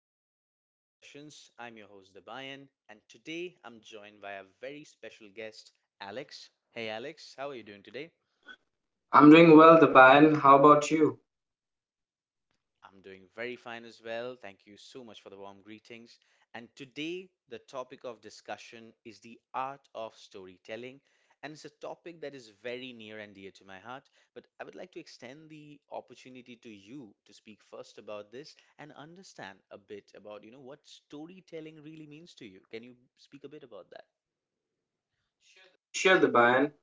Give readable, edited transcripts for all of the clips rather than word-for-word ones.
You're listening to Daily Sessions. I'm your host, Debayan, and today I'm joined by a very special guest, Alex. Hey, Alex, how are you doing today? I'm doing well, the Bayan. How about you? I'm doing very fine as well. Thank you so much for the warm greetings. And today, the topic of discussion is the art of storytelling. And it's a topic that is very near and dear to my heart. But I would like to extend the opportunity to you to speak first about this and understand a bit about, you know, what storytelling really means to you. Can you speak a bit about that? Sure, the Bayan.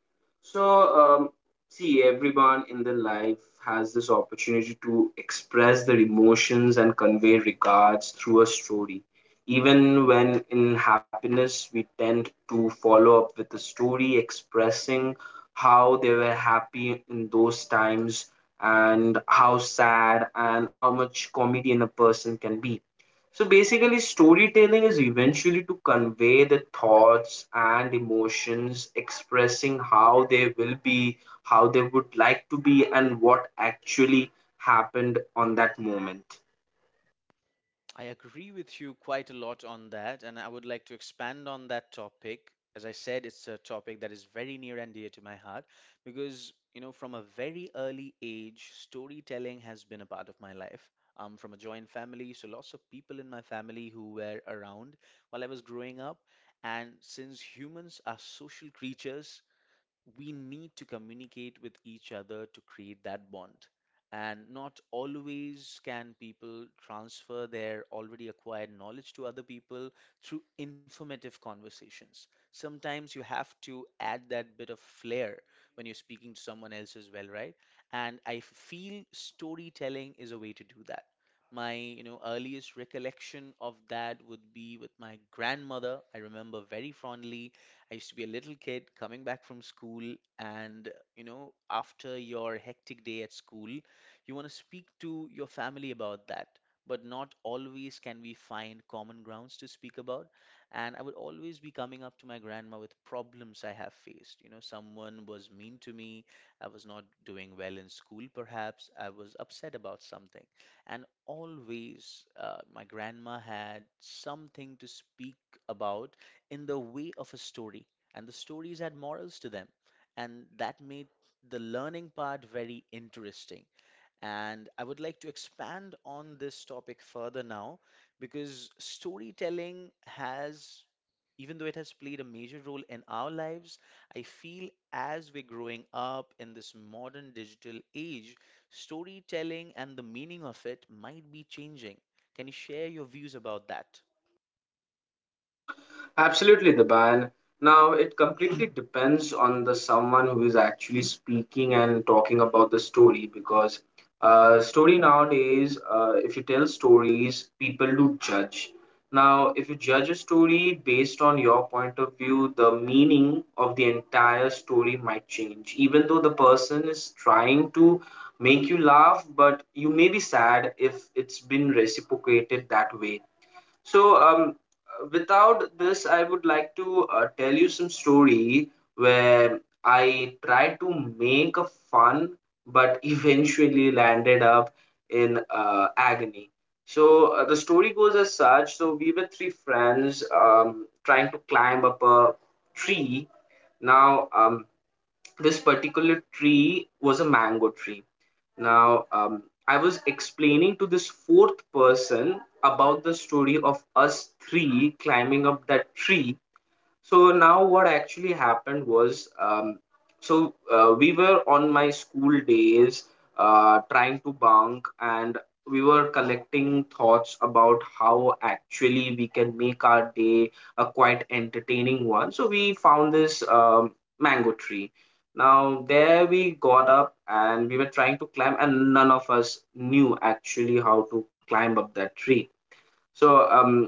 So, um, See, everyone in their life has this opportunity to express their emotions and convey regards through a story. Even when in happiness, we tend to follow up with a story expressing how they were happy in those times, and how sad and how much comedian a person can be. So basically, storytelling is eventually to convey the thoughts and emotions, expressing how they will be, how they would like to be, and what actually happened on that moment. I agree with you quite a lot on that, and I would like to expand on that topic. As I said, it's a topic that is very near and dear to my heart because, you know, from a very early age, storytelling has been a part of my life. I'm from a joint family, so lots of people in my family who were around while I was growing up. And since humans are social creatures, we need to communicate with each other to create that bond. And not always can people transfer their already acquired knowledge to other people through informative conversations. Sometimes you have to add that bit of flair when you're speaking to someone else as well, right? And I feel storytelling is a way to do that my, you know, earliest recollection of that would be with my grandmother. I remember very fondly. I used to be a little kid coming back from school, and, you know, after your hectic day at school, you want to speak to your family about that. But not always can we find common grounds to speak about. And I would always be coming up to my grandma with problems I have faced. You know, someone was mean to me. I was not doing well in school, perhaps. I was upset about something. And always, my grandma had something to speak about in the way of a story, and the stories had morals to them, and that made the learning part very interesting. And I would like to expand on this topic further now because storytelling has, even though it has played a major role in our lives, I feel as we're growing up in this modern digital age, storytelling and the meaning of it might be changing. Can you share your views about that? Absolutely, the ban. Now it completely depends on the someone who is actually speaking and talking about the story because story nowadays, if you tell stories, people do judge. Now, if you judge a story based on your point of view, the meaning of the entire story might change. Even though the person is trying to make you laugh, but you may be sad if it's been reciprocated that way. so, um, Without this, I would like to tell you some story where I tried to make a fun, but eventually landed up in agony. The story goes as such. So we were three friends trying to climb up a tree. Now, um, this particular tree was a mango tree. I was explaining to this fourth person about the story of us three climbing up that tree. So now what actually happened was, we were on my school days, trying to bunk, and we were collecting thoughts about how actually we can make our day a quite entertaining one. So we found this, mango tree. Now there we got up and we were trying to climb, and none of us knew actually how to climb up that tree. So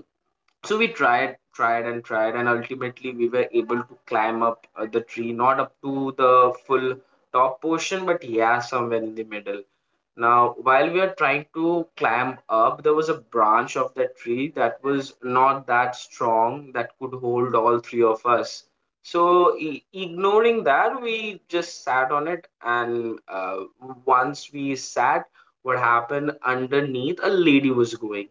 so we tried and tried, and ultimately we were able to climb up the tree, not up to the full top portion, but yeah, somewhere in the middle. Now while we were trying to climb up, there was a branch of that tree that was not that strong, that could hold all three of us. So, ignoring that, we just sat on it, and once we sat, what happened, underneath a lady was going.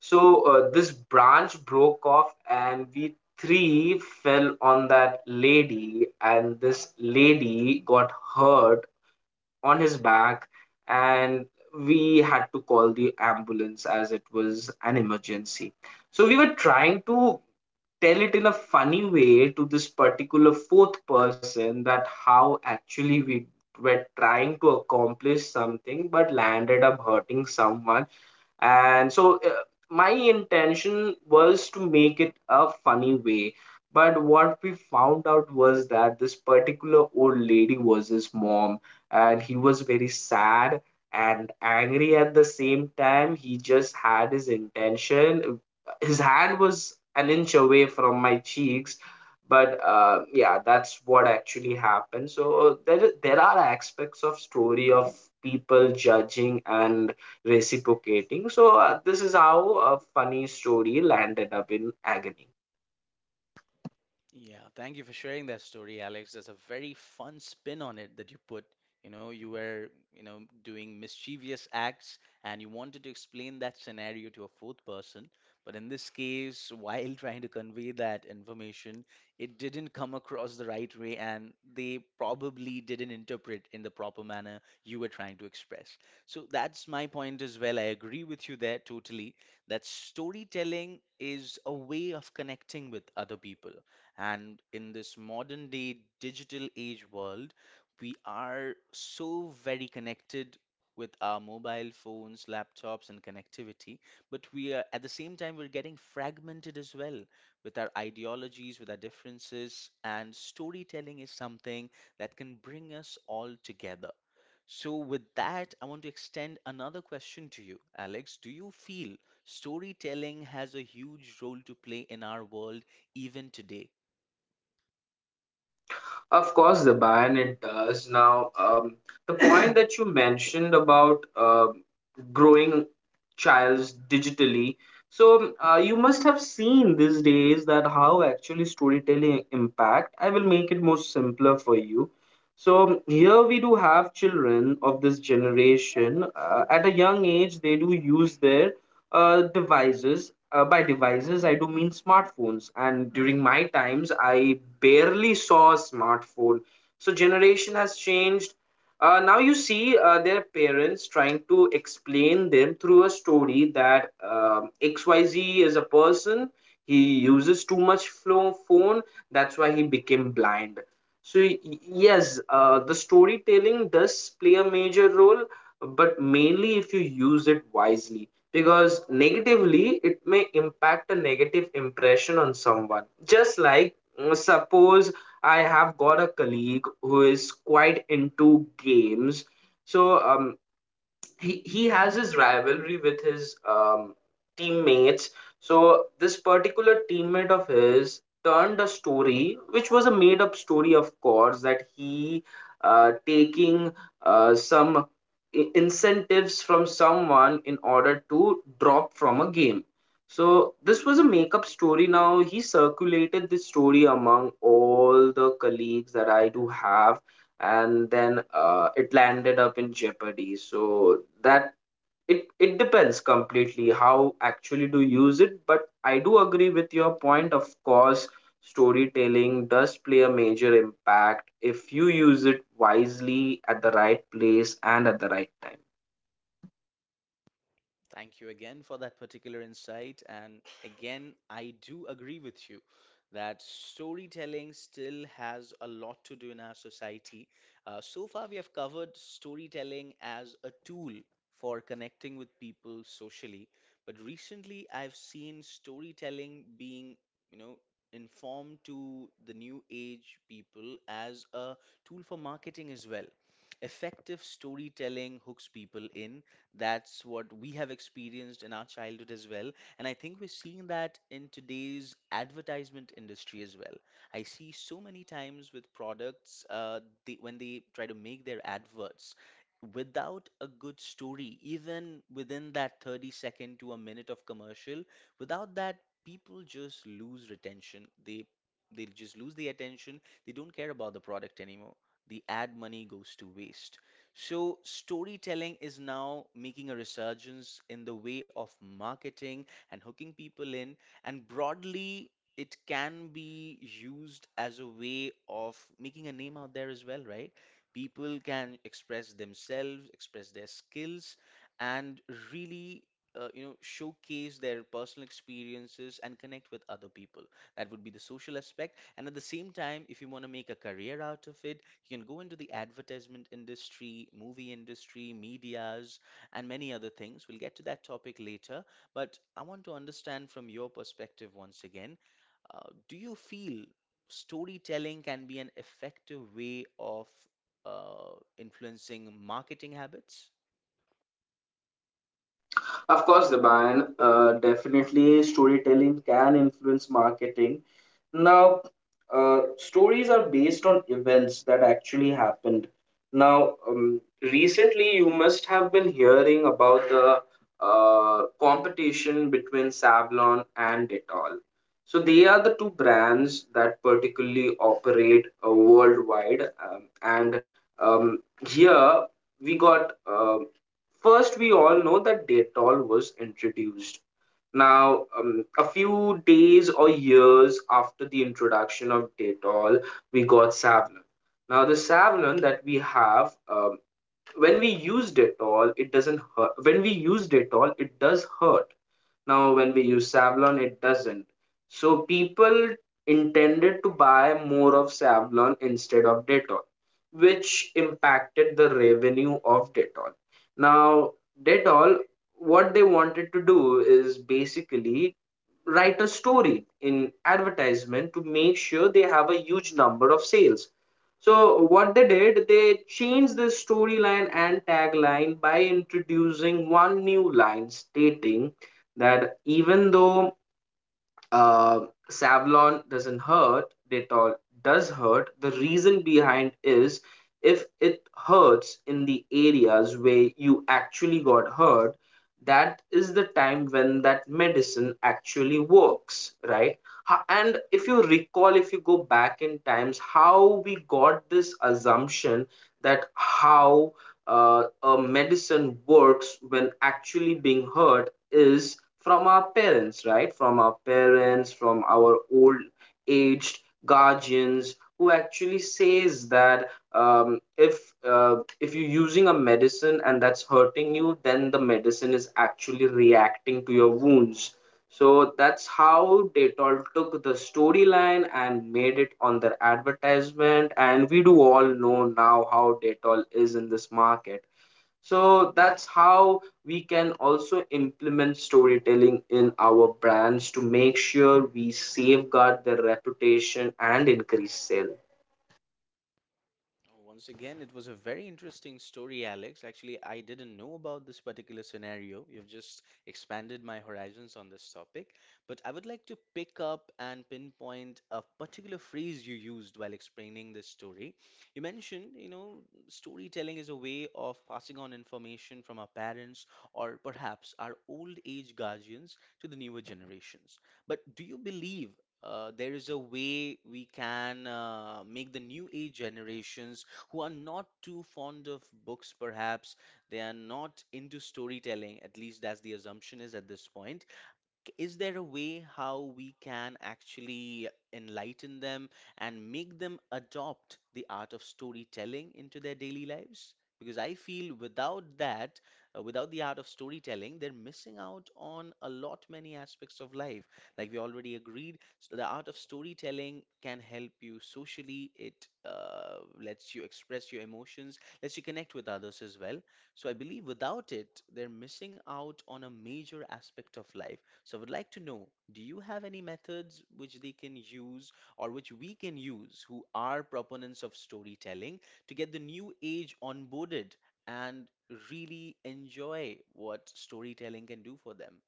So this branch broke off, and we three fell on that lady, and this lady got hurt on his back, and we had to call the ambulance as it was an emergency. So we were trying to tell it in a funny way to this particular fourth person, that how actually we were trying to accomplish something but landed up hurting someone. And my intention was to make it a funny way, but what we found out was that this particular old lady was his mom, and he was very sad and angry at the same time. He just had his intention, his hand was an inch away from my cheeks. But yeah, that's what actually happened. So there are aspects of story of people judging and reciprocating. So, this is how a funny story landed up in agony. Yeah, thank you for sharing that story, Alex. That's a very fun spin on it that you put. You know, you were, you know, doing mischievous acts and you wanted to explain that scenario to a fourth person. But in this case, while trying to convey that information, it didn't come across the right way and they probably didn't interpret in the proper manner you were trying to express. So that's my point as well. I agree with you there totally that storytelling is a way of connecting with other people and in this modern day digital age world, we are so very connected with our mobile phones, laptops, and connectivity. But we are at the same time, we're getting fragmented as well with our ideologies, with our differences. And storytelling is something that can bring us all together. So, with that, I want to extend another question to you, Alex. Do you feel storytelling has a huge role to play in our world even today? Of course, the Bayan, it does. The point that you mentioned about growing childs digitally. So, you must have seen these days that how actually storytelling impact. I will make it more simpler for you. So here we do have children of this generation. At a young age, they do use their devices. By devices, I do mean smartphones. And during my times, I barely saw a smartphone. So generation has changed. Now you see their parents trying to explain them through a story that XYZ is a person. He uses too much phone. That's why he became blind. So yes, the storytelling does play a major role, but mainly if you use it wisely, because negatively it may impact a negative impression on someone. Just like, suppose I have got a colleague who is quite into games. So um, he has his rivalry with his teammates. So this particular teammate of his turned a story, which was a made up story, of course, that he taking some incentives from someone in order to drop from a game. So this was a make-up story. Now he circulated this story among all the colleagues that I do have, and then it landed up in jeopardy. So that it depends completely how actually to use it, but I do agree with your point. Of course storytelling does play a major impact if you use it wisely, at the right place and at the right time. Thank you again for that particular insight. And again, I do agree with you that storytelling still has a lot to do in our society. So far, we have covered storytelling as a tool for connecting with people socially. But recently, I've seen storytelling being, you know, informed to the new age people as a tool for marketing as well. Effective storytelling hooks people in, that's what we have experienced in our childhood as well. And I think we're seeing that in today's advertisement industry as well. I see so many times with products, they, when they try to make their adverts, without a good story, even within that 30 second to a minute of commercial, without that, people just lose retention. They just lose the attention. They don't care about the product anymore. The ad money goes to waste. So, storytelling is now making a resurgence in the way of marketing and hooking people in, and broadly, it can be used as a way of making a name out there as well, right? People can express themselves, express their skills, and really. You know, showcase their personal experiences and connect with other people. That would be the social aspect. And at the same time, if you want to make a career out of it, you can go into the advertisement industry, movie industry, medias, and many other things. We'll get to that topic later, but I want to understand from your perspective once again, do you feel storytelling can be an effective way of influencing marketing habits? Of course, the ban, definitely storytelling can influence marketing. Now, stories are based on events that actually happened. Recently you must have been hearing about the competition between Savlon and Dettol. So they are the two brands that particularly operate worldwide, and um, here we got first, we all know that Dettol was introduced. A few days or years after the introduction of Dettol, we got Savlon. Now, the Savlon that we have, when we use Dettol, it doesn't hurt. When we use Dettol, it does hurt. Now, when we use Savlon, it doesn't. So, people intended to buy more of Savlon instead of Dettol, which impacted the revenue of Dettol. Now, Dettol, what they wanted to do is basically write a story in advertisement to make sure they have a huge number of sales. So what they did, they changed the storyline and tagline by introducing one new line stating that even though uh, Savlon doesn't hurt, Dettol does hurt. The reason behind is if it hurts in the areas where you actually got hurt, that is the time when that medicine actually works, right? And if you recall, if you go back in times, how we got this assumption that how a medicine works when actually being hurt is from our parents, right? From our parents, from our old aged guardians, who actually says that if you're using a medicine and that's hurting you, then the medicine is actually reacting to your wounds. So that's how Dettol took the storyline and made it on their advertisement. And we do all know now how Dettol is in this market. So that's how we can also implement storytelling in our brands to make sure we safeguard their reputation and increase sale. Oh, once again, it was a very interesting story, Alex. Actually, I didn't know about this particular scenario. You've just expanded my horizons on this topic. But I would like to pick up and pinpoint a particular phrase you used while explaining this story. You mentioned, you know, storytelling is a way of passing on information from our parents or perhaps our old age guardians to the newer generations. But do you believe there is a way we can make the new age generations who are not too fond of books, perhaps they are not into storytelling, at least that's the assumption is at this point is there a way how we can actually enlighten them and make them adopt the art of storytelling into their daily lives? Because I feel without that, without the art of storytelling, they're missing out on a lot many aspects of life. Like we already agreed, so the art of storytelling can help you socially. It lets you express your emotions, lets you connect with others as well. So I believe without it, they're missing out on a major aspect of life. So, I would like to know, do you have any methods which they can use or which we can use who are proponents of storytelling to get the new age onboarded and really enjoy what storytelling can do for them?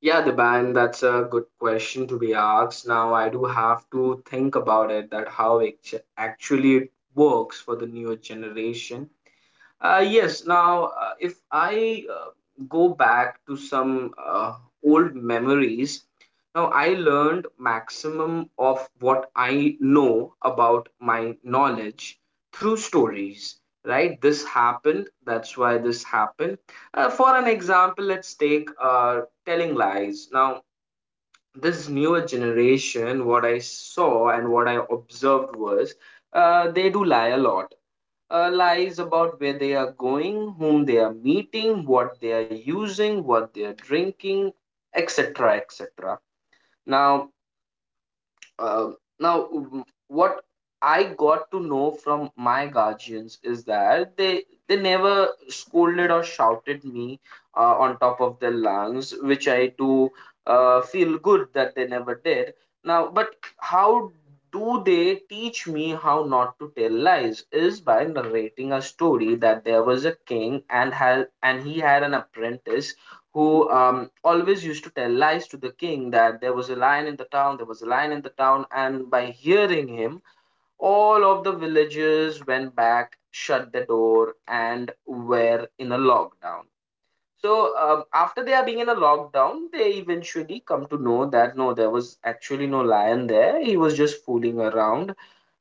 Yeah, the band, that's a good question to be asked. Now I do have to think about it, that how it actually it works for the newer generation. Yes. If I go back to some old memories, now I learned maximum of what I know about my knowledge through stories. Right? This happened. That's why this happened. For an example, let's take telling lies. Now, this newer generation, what I saw and what I observed was, they do lie a lot. Uh, lies about where they are going, whom they are meeting, what they are using, what they are drinking, etc. etc. Now, now, what I got to know from my guardians is that they never scolded or shouted me on top of their lungs, which I do feel good that they never did. Now, but how do they teach me how not to tell lies? Is by narrating a story that there was a king and he had an apprentice, who always used to tell lies to the king, that there was a lion in the town, there was a lion in the town, and by hearing him, all of the villagers went back, shut the door, and were in a lockdown. So, after they are being in a lockdown, they eventually come to know that no, there was actually no lion there, he was just fooling around.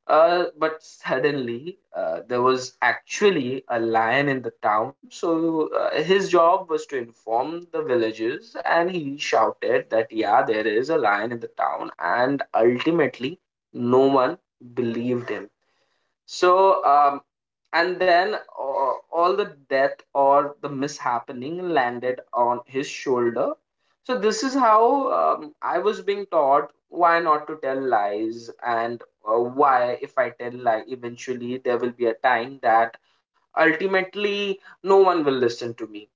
But suddenly, there was actually a lion in the town. So his job was to inform the villagers, and he shouted that, yeah, there is a lion in the town. And ultimately, no one believed him. So, and then all the death or the mishappening landed on his shoulder. So, this is how I was being taught why not to tell lies, and why, if I tell lie, eventually there will be a time that ultimately no one will listen to me.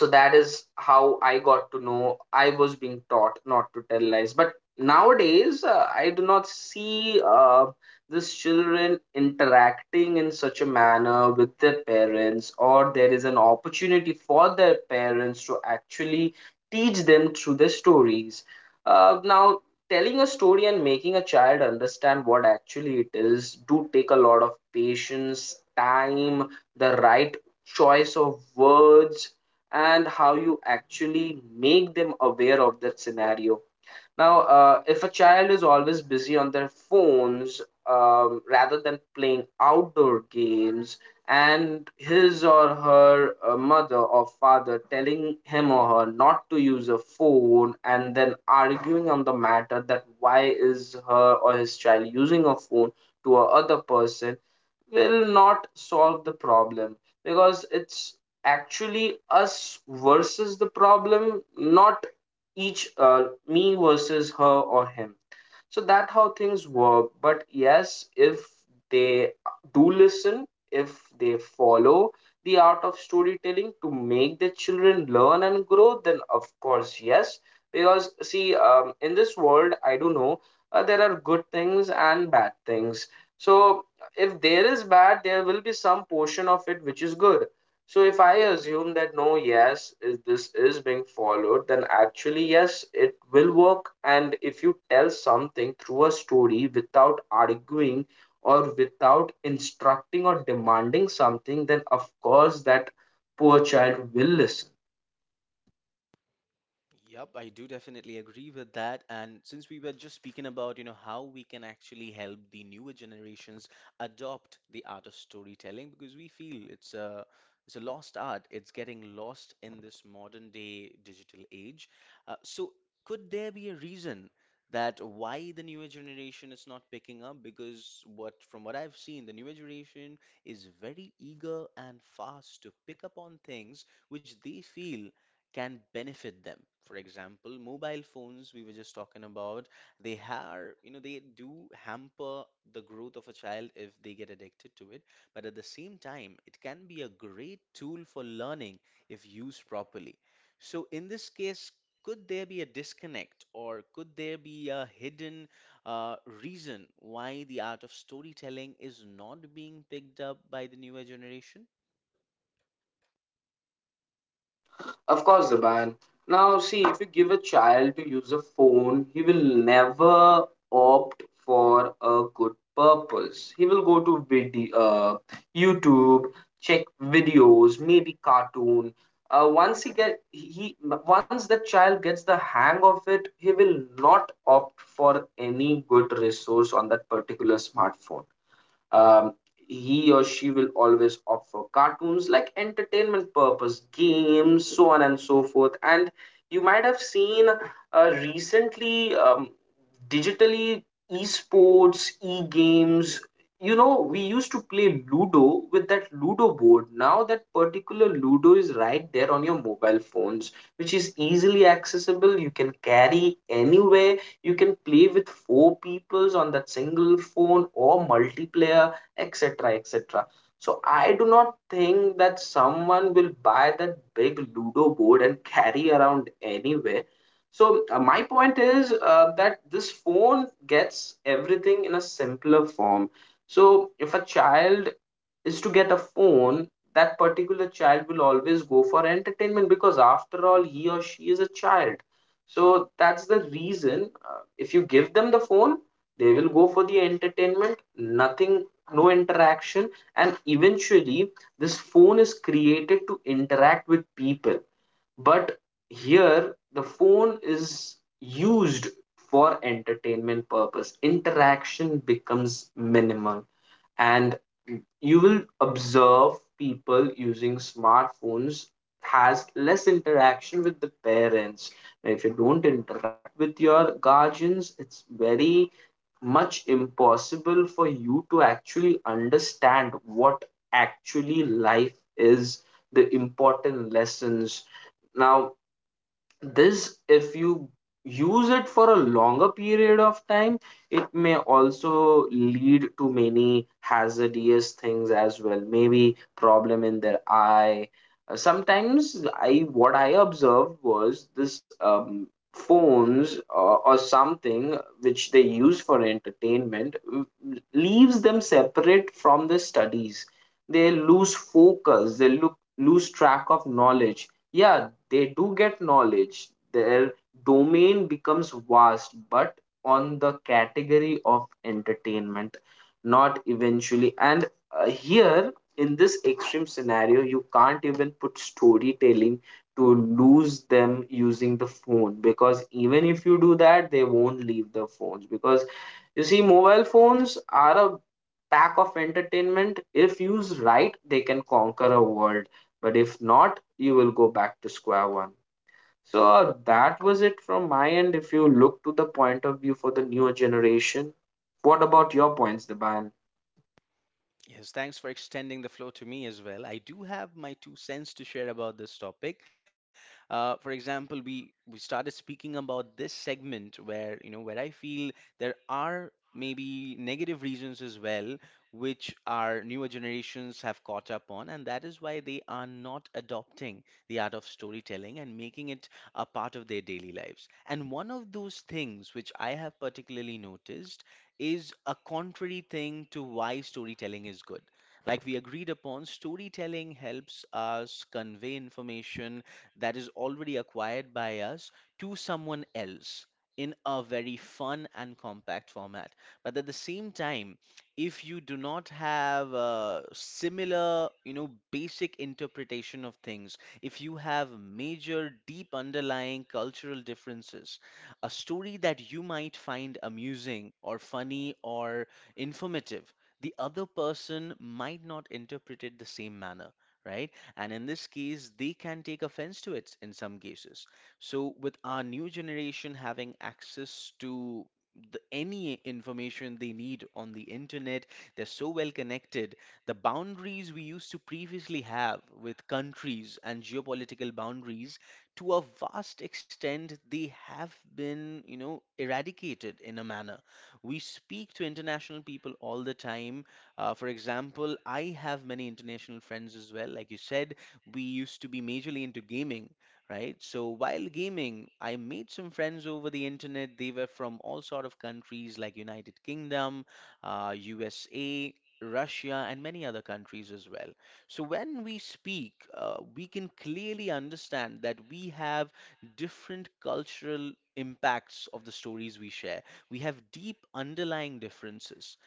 So that is how I got to know I was being taught not to tell lies. But nowadays, I do not see these children interacting in such a manner with their parents, or there is an opportunity for their parents to actually teach them through their stories. Now, telling a story and making a child understand what actually it is do take a lot of patience, time, the right choice of words, and how you actually make them aware of that scenario. Now, if a child is always busy on their phones rather than playing outdoor games, and his or her mother or father telling him or her not to use a phone, and then arguing on the matter that why is her or his child using a phone to a other person, will not solve the problem, because it's actually us versus the problem, not each me versus her or him. So that how things work. But yes, if they do listen, if they follow the art of storytelling to make the children learn and grow, then of course yes, because see, in this world I do know there are good things and bad things. So if there is bad, there will be some portion of it which is good. So if I assume that no, yes, is this is being followed, then actually yes, it will work. And if you tell something through a story without arguing or without instructing or demanding something, then of course that poor child will listen. Yep, I do definitely agree with that. And since we were just speaking about, you know, how we can actually help the newer generations adopt the art of storytelling, because we feel it's a lost art. It's getting lost in this modern day digital age. So could there be a reason that why the newer generation is not picking up? Because what from what I've seen, the newer generation is very eager and fast to pick up on things which they feel can benefit them. For example, mobile phones we were just talking about, they are, you know, they do hamper the growth of a child if they get addicted to it. But at the same time, it can be a great tool for learning if used properly. So in this case, could there be a disconnect or could there be a hidden reason why the art of storytelling is not being picked up by the newer generation? Of course, the ban. Now, see, if you give a child to use a phone, he will never opt for a good purpose. He will go to video, YouTube, check videos, maybe cartoon. Once he get he once the child gets the hang of it, he will not opt for any good resource on that particular smartphone. um, he or she will always opt for cartoons, like entertainment purpose, games, so on and so forth. And you might have seen recently, digitally, esports, e-games. You know, we used to play ludo with that ludo board. Now that particular ludo is right there on your mobile phones, which is easily accessible. You can carry anywhere, you can play with four peoples on that single phone or multiplayer, etc., etc. So I do not think that someone will buy that big ludo board and carry around anywhere. So my point is that this phone gets everything in a simpler form. So if a child is to get a phone, that particular child will always go for entertainment because, after all, he or she is a child. So that's the reason. If you give them the phone, they will go for the entertainment, nothing, no interaction. And eventually, this phone is created to interact with people. But here, the phone is used for entertainment purpose, interaction becomes minimal. And you will observe people using smartphones has less interaction with the parents. Now, if you don't interact with your guardians, it's very much impossible for you to actually understand what actually life is, the important lessons. Now, this, if you use it for a longer period of time, it may also lead to many hazardous things as well, maybe problem in their eye. Sometimes, I, what I observed was this, phones or something which they use for entertainment leaves them separate from the studies. They lose focus, they look lose track of knowledge. Yeah, they do get knowledge, their domain becomes vast, but on the category of entertainment, not eventually. And here in this extreme scenario you can't even put storytelling to lose them using the phone, because even if you do that they won't leave the phones. Because you see, mobile phones are a pack of entertainment. If used right, they can conquer a world, but if not, you will go back to square one. So that was it from my end. If you look to the point of view for the newer generation, what about your points, Deban? Yes, thanks for extending the floor to me as well. I do have my two cents to share about this topic. For example, we started speaking about this segment where, you know, where I feel there are maybe negative reasons as well, which our newer generations have caught up on, and that is why they are not adopting the art of storytelling and making it a part of their daily lives. And one of those things which I have particularly noticed is a contrary thing to why storytelling is good. Like we agreed upon, storytelling helps us convey information that is already acquired by us to someone else in a very fun and compact format. But at the same time, if you do not have a similar, you know, basic interpretation of things, if you have major deep underlying cultural differences, a story that you might find amusing or funny or informative, the other person might not interpret it the same manner, right? And in this case, they can take offense to it in some cases. So, with our new generation having access to the, any information they need on the internet, they're so well connected. The boundaries we used to previously have with countries and geopolitical boundaries to a vast extent, they have been, you know, eradicated in a manner. We speak to international people all the time. For example, I have many international friends as well. Like you said, we used to be majorly into gaming, right? So while gaming, I made some friends over the internet. They were from all sort of countries like United Kingdom, USA, Russia, and many other countries as well. So when we speak, we can clearly understand that we have different cultural impacts of the stories we share. We have deep underlying differences.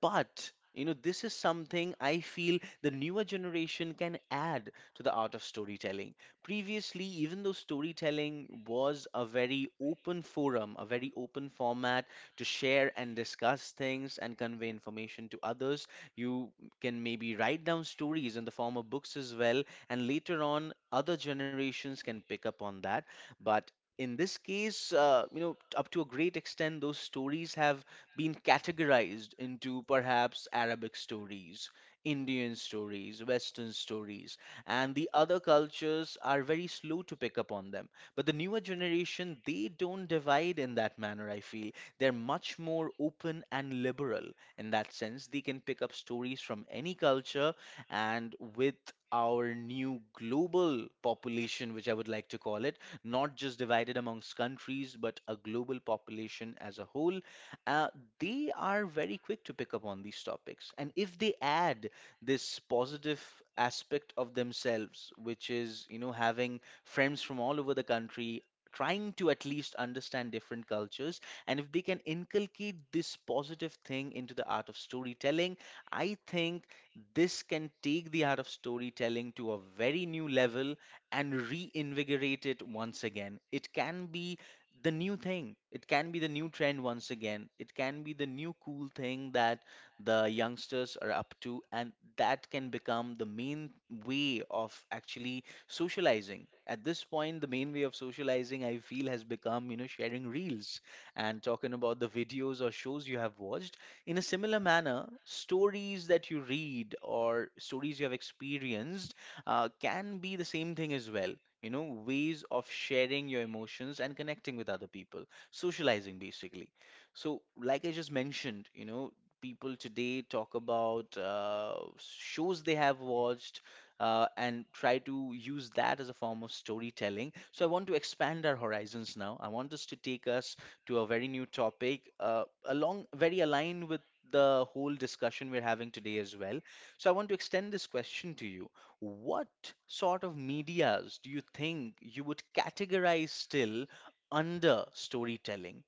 But you know, this is something I feel the newer generation can add to the art of storytelling. Previously, even though storytelling was a very open forum, a very open format to share and discuss things and convey information to others, you can maybe write down stories in the form of books as well, and later on, other generations can pick up on that. But in this case, you know, up to a great extent, those stories have been categorized into perhaps Arabic stories, Indian stories, Western stories, and the other cultures are very slow to pick up on them. But the newer generation, they don't divide in that manner, I feel. They're much more open and liberal in that sense. They can pick up stories from any culture, and with our new global population, which I would like to call it, not just divided amongst countries, but a global population as a whole, uh, they are very quick to pick up on these topics. And if they add this positive aspect of themselves, which is, you know, having friends from all over the country, trying to at least understand different cultures, and if they can inculcate this positive thing into the art of storytelling, I think this can take the art of storytelling to a very new level and reinvigorate it once again. It can be the new thing, it can be the new trend once again, it can be the new cool thing that the youngsters are up to, and that can become the main way of actually socializing. At this point, the main way of socializing, I feel, has become, you know, sharing reels and talking about the videos or shows you have watched. In a similar manner, stories that you read or stories you have experienced can be the same thing as well. You know, ways of sharing your emotions and connecting with other people, socializing basically. So, like I just mentioned, you know, people today talk about shows they have watched, and try to use that as a form of storytelling. So I want to expand our horizons now. I want us to take us to a very new topic, along very aligned with the whole discussion we're having today as well. So I want to extend this question to you. What sort of medias do you think you would categorize still under storytelling?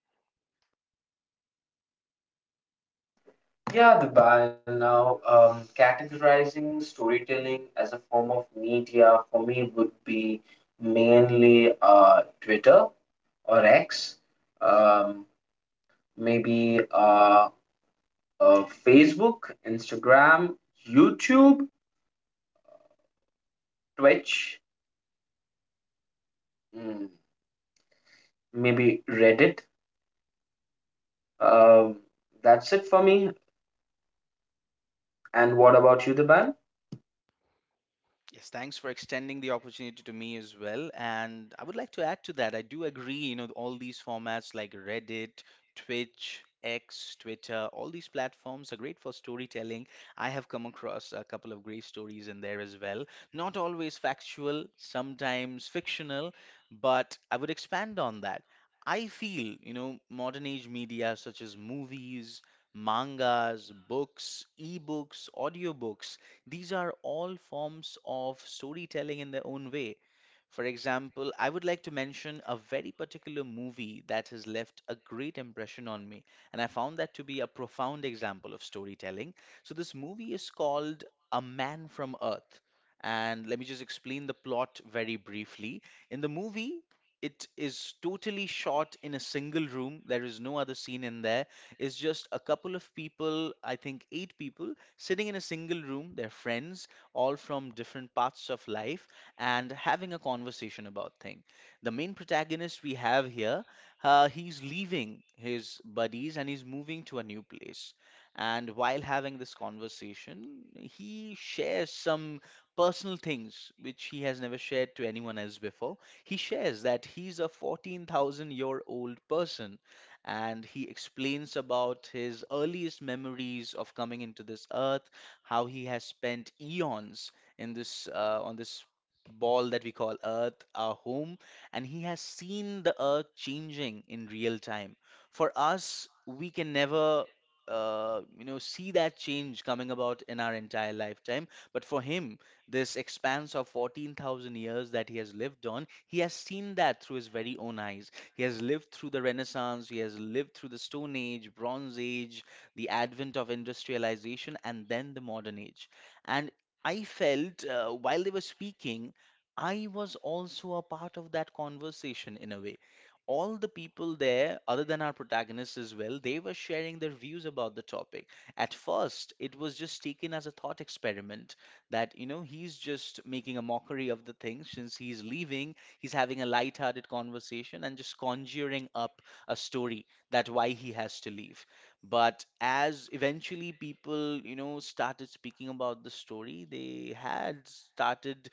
Yeah, the ban now, categorizing storytelling as a form of media for me would be mainly Twitter or X, um, maybe Facebook, Instagram, YouTube, Twitch, mm, maybe Reddit. Um, that's it for me. And what about you, Diban? Yes, thanks for extending the opportunity to me as well. And I would like to add to that, I do agree, you know, all these formats like Reddit, Twitch, X, Twitter, all these platforms are great for storytelling. I have come across a couple of great stories in there as well. Not always factual, sometimes fictional, but I would expand on that. I feel, you know, modern age media such as movies, mangas, books, ebooks, audiobooks, these are all forms of storytelling in their own way. For example, I would like to mention a very particular movie that has left a great impression on me, and I found that to be a profound example of storytelling. So, this movie is called A Man from Earth, and let me just explain the plot very briefly. In the movie, it is totally shot in a single room. There is no other scene in there. It's just a couple of people, I think eight people, sitting in a single room, they're friends, all from different parts of life, and having a conversation about things. The main protagonist we have here, he's leaving his buddies and he's moving to a new place. And while having this conversation, he shares some personal things which he has never shared to anyone else before. He shares that he's a 14,000 year old person and he explains about his earliest memories of coming into this earth, how he has spent eons in this on this ball that we call earth our home, and he has seen the earth changing in real time. For us we can never, you know, see that change coming about in our entire lifetime, but for him, this expanse of 14,000 years that he has lived on, he has seen that through his very own eyes. He has lived through the Renaissance, he has lived through the Stone Age, Bronze Age, the advent of industrialization, and then the modern age. And I felt, while they were speaking, I was also a part of that conversation in a way. All the people there, other than our protagonists as well, they were sharing their views about the topic. At first, it was just taken as a thought experiment that, you know, he's just making a mockery of the thing since he's leaving. He's having a light-hearted conversation and just conjuring up a story that why he has to leave. But as eventually people, you know, started speaking about the story, they had started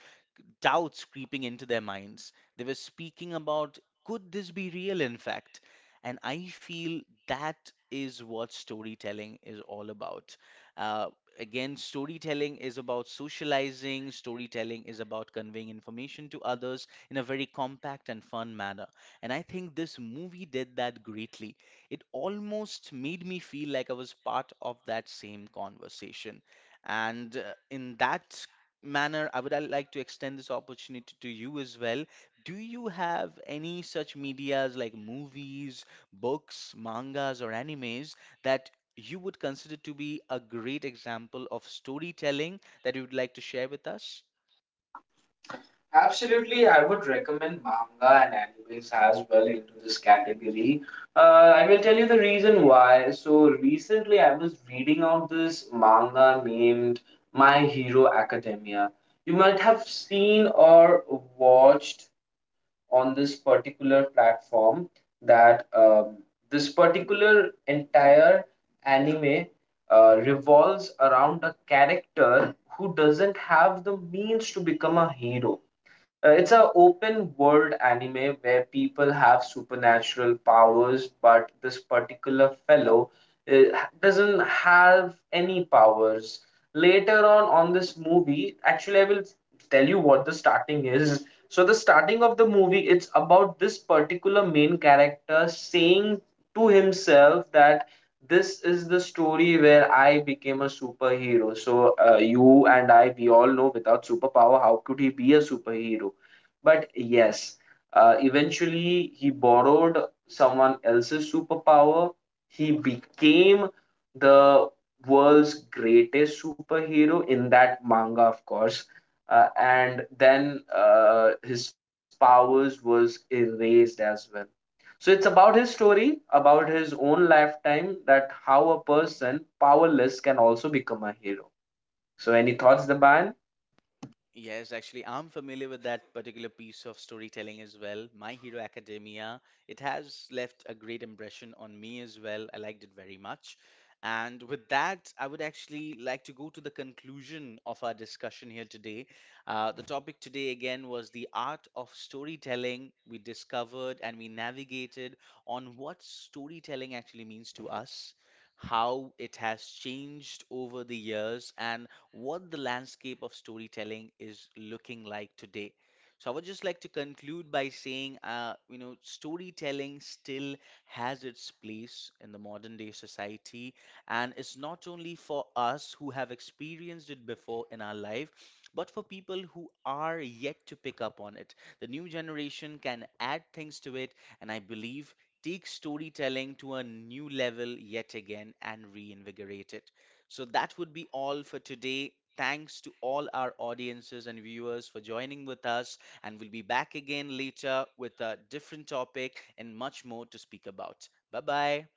doubts creeping into their minds. They were speaking about could this be real, in fact? And I feel that is what storytelling is all about. Uh, Again, storytelling is about socializing, storytelling is about conveying information to others in a very compact and fun manner. And I think this movie did that greatly. It almost made me feel like I was part of that same conversation. And in that manner, I would like to extend this opportunity to you as well. Do you have any such medias like movies, books, mangas, or animes that you would consider to be a great example of storytelling that you would like to share with us? Absolutely, I would recommend manga and animes as well into this category. Uh, I will tell you the reason why. So recently, I was reading out this manga named My Hero Academia. You might have seen or watched on this particular platform that this particular entire anime revolves around a character who doesn't have the means to become a hero. It's an open world anime where people have supernatural powers, but this particular fellow uh, doesn't have any powers. Later on this movie, actually, I will tell you what the starting is. So, the starting of the movie, it's about this particular main character saying to himself that this is the story where I became a superhero. So you and I, we all know without superpower, how could he be a superhero? But yes, eventually he borrowed someone else's superpower. He became the world's greatest superhero in that manga, of course. And then his powers was erased as well. So it's about his story, about his own lifetime, that how a person powerless can also become a hero. So any thoughts, Daban? Yes, actually, I'm familiar with that particular piece of storytelling as well. My Hero Academia, it has left a great impression on me as well. I liked it very much. And with that, I would actually like to go to the conclusion of our discussion here today. The topic today again was the art of storytelling. We discovered and we navigated on what storytelling actually means to us, how it has changed over the years, and what the landscape of storytelling is looking like today. So I would just like to conclude by saying, you know, storytelling still has its place in the modern day society, and it's not only for us who have experienced it before in our life, but for people who are yet to pick up on it. The new generation can add things to it, and I believe take storytelling to a new level yet again and reinvigorate it. So that would be all for today. Thanks to all our audiences and viewers for joining with us. And we'll be back again later with a different topic and much more to speak about. Bye bye.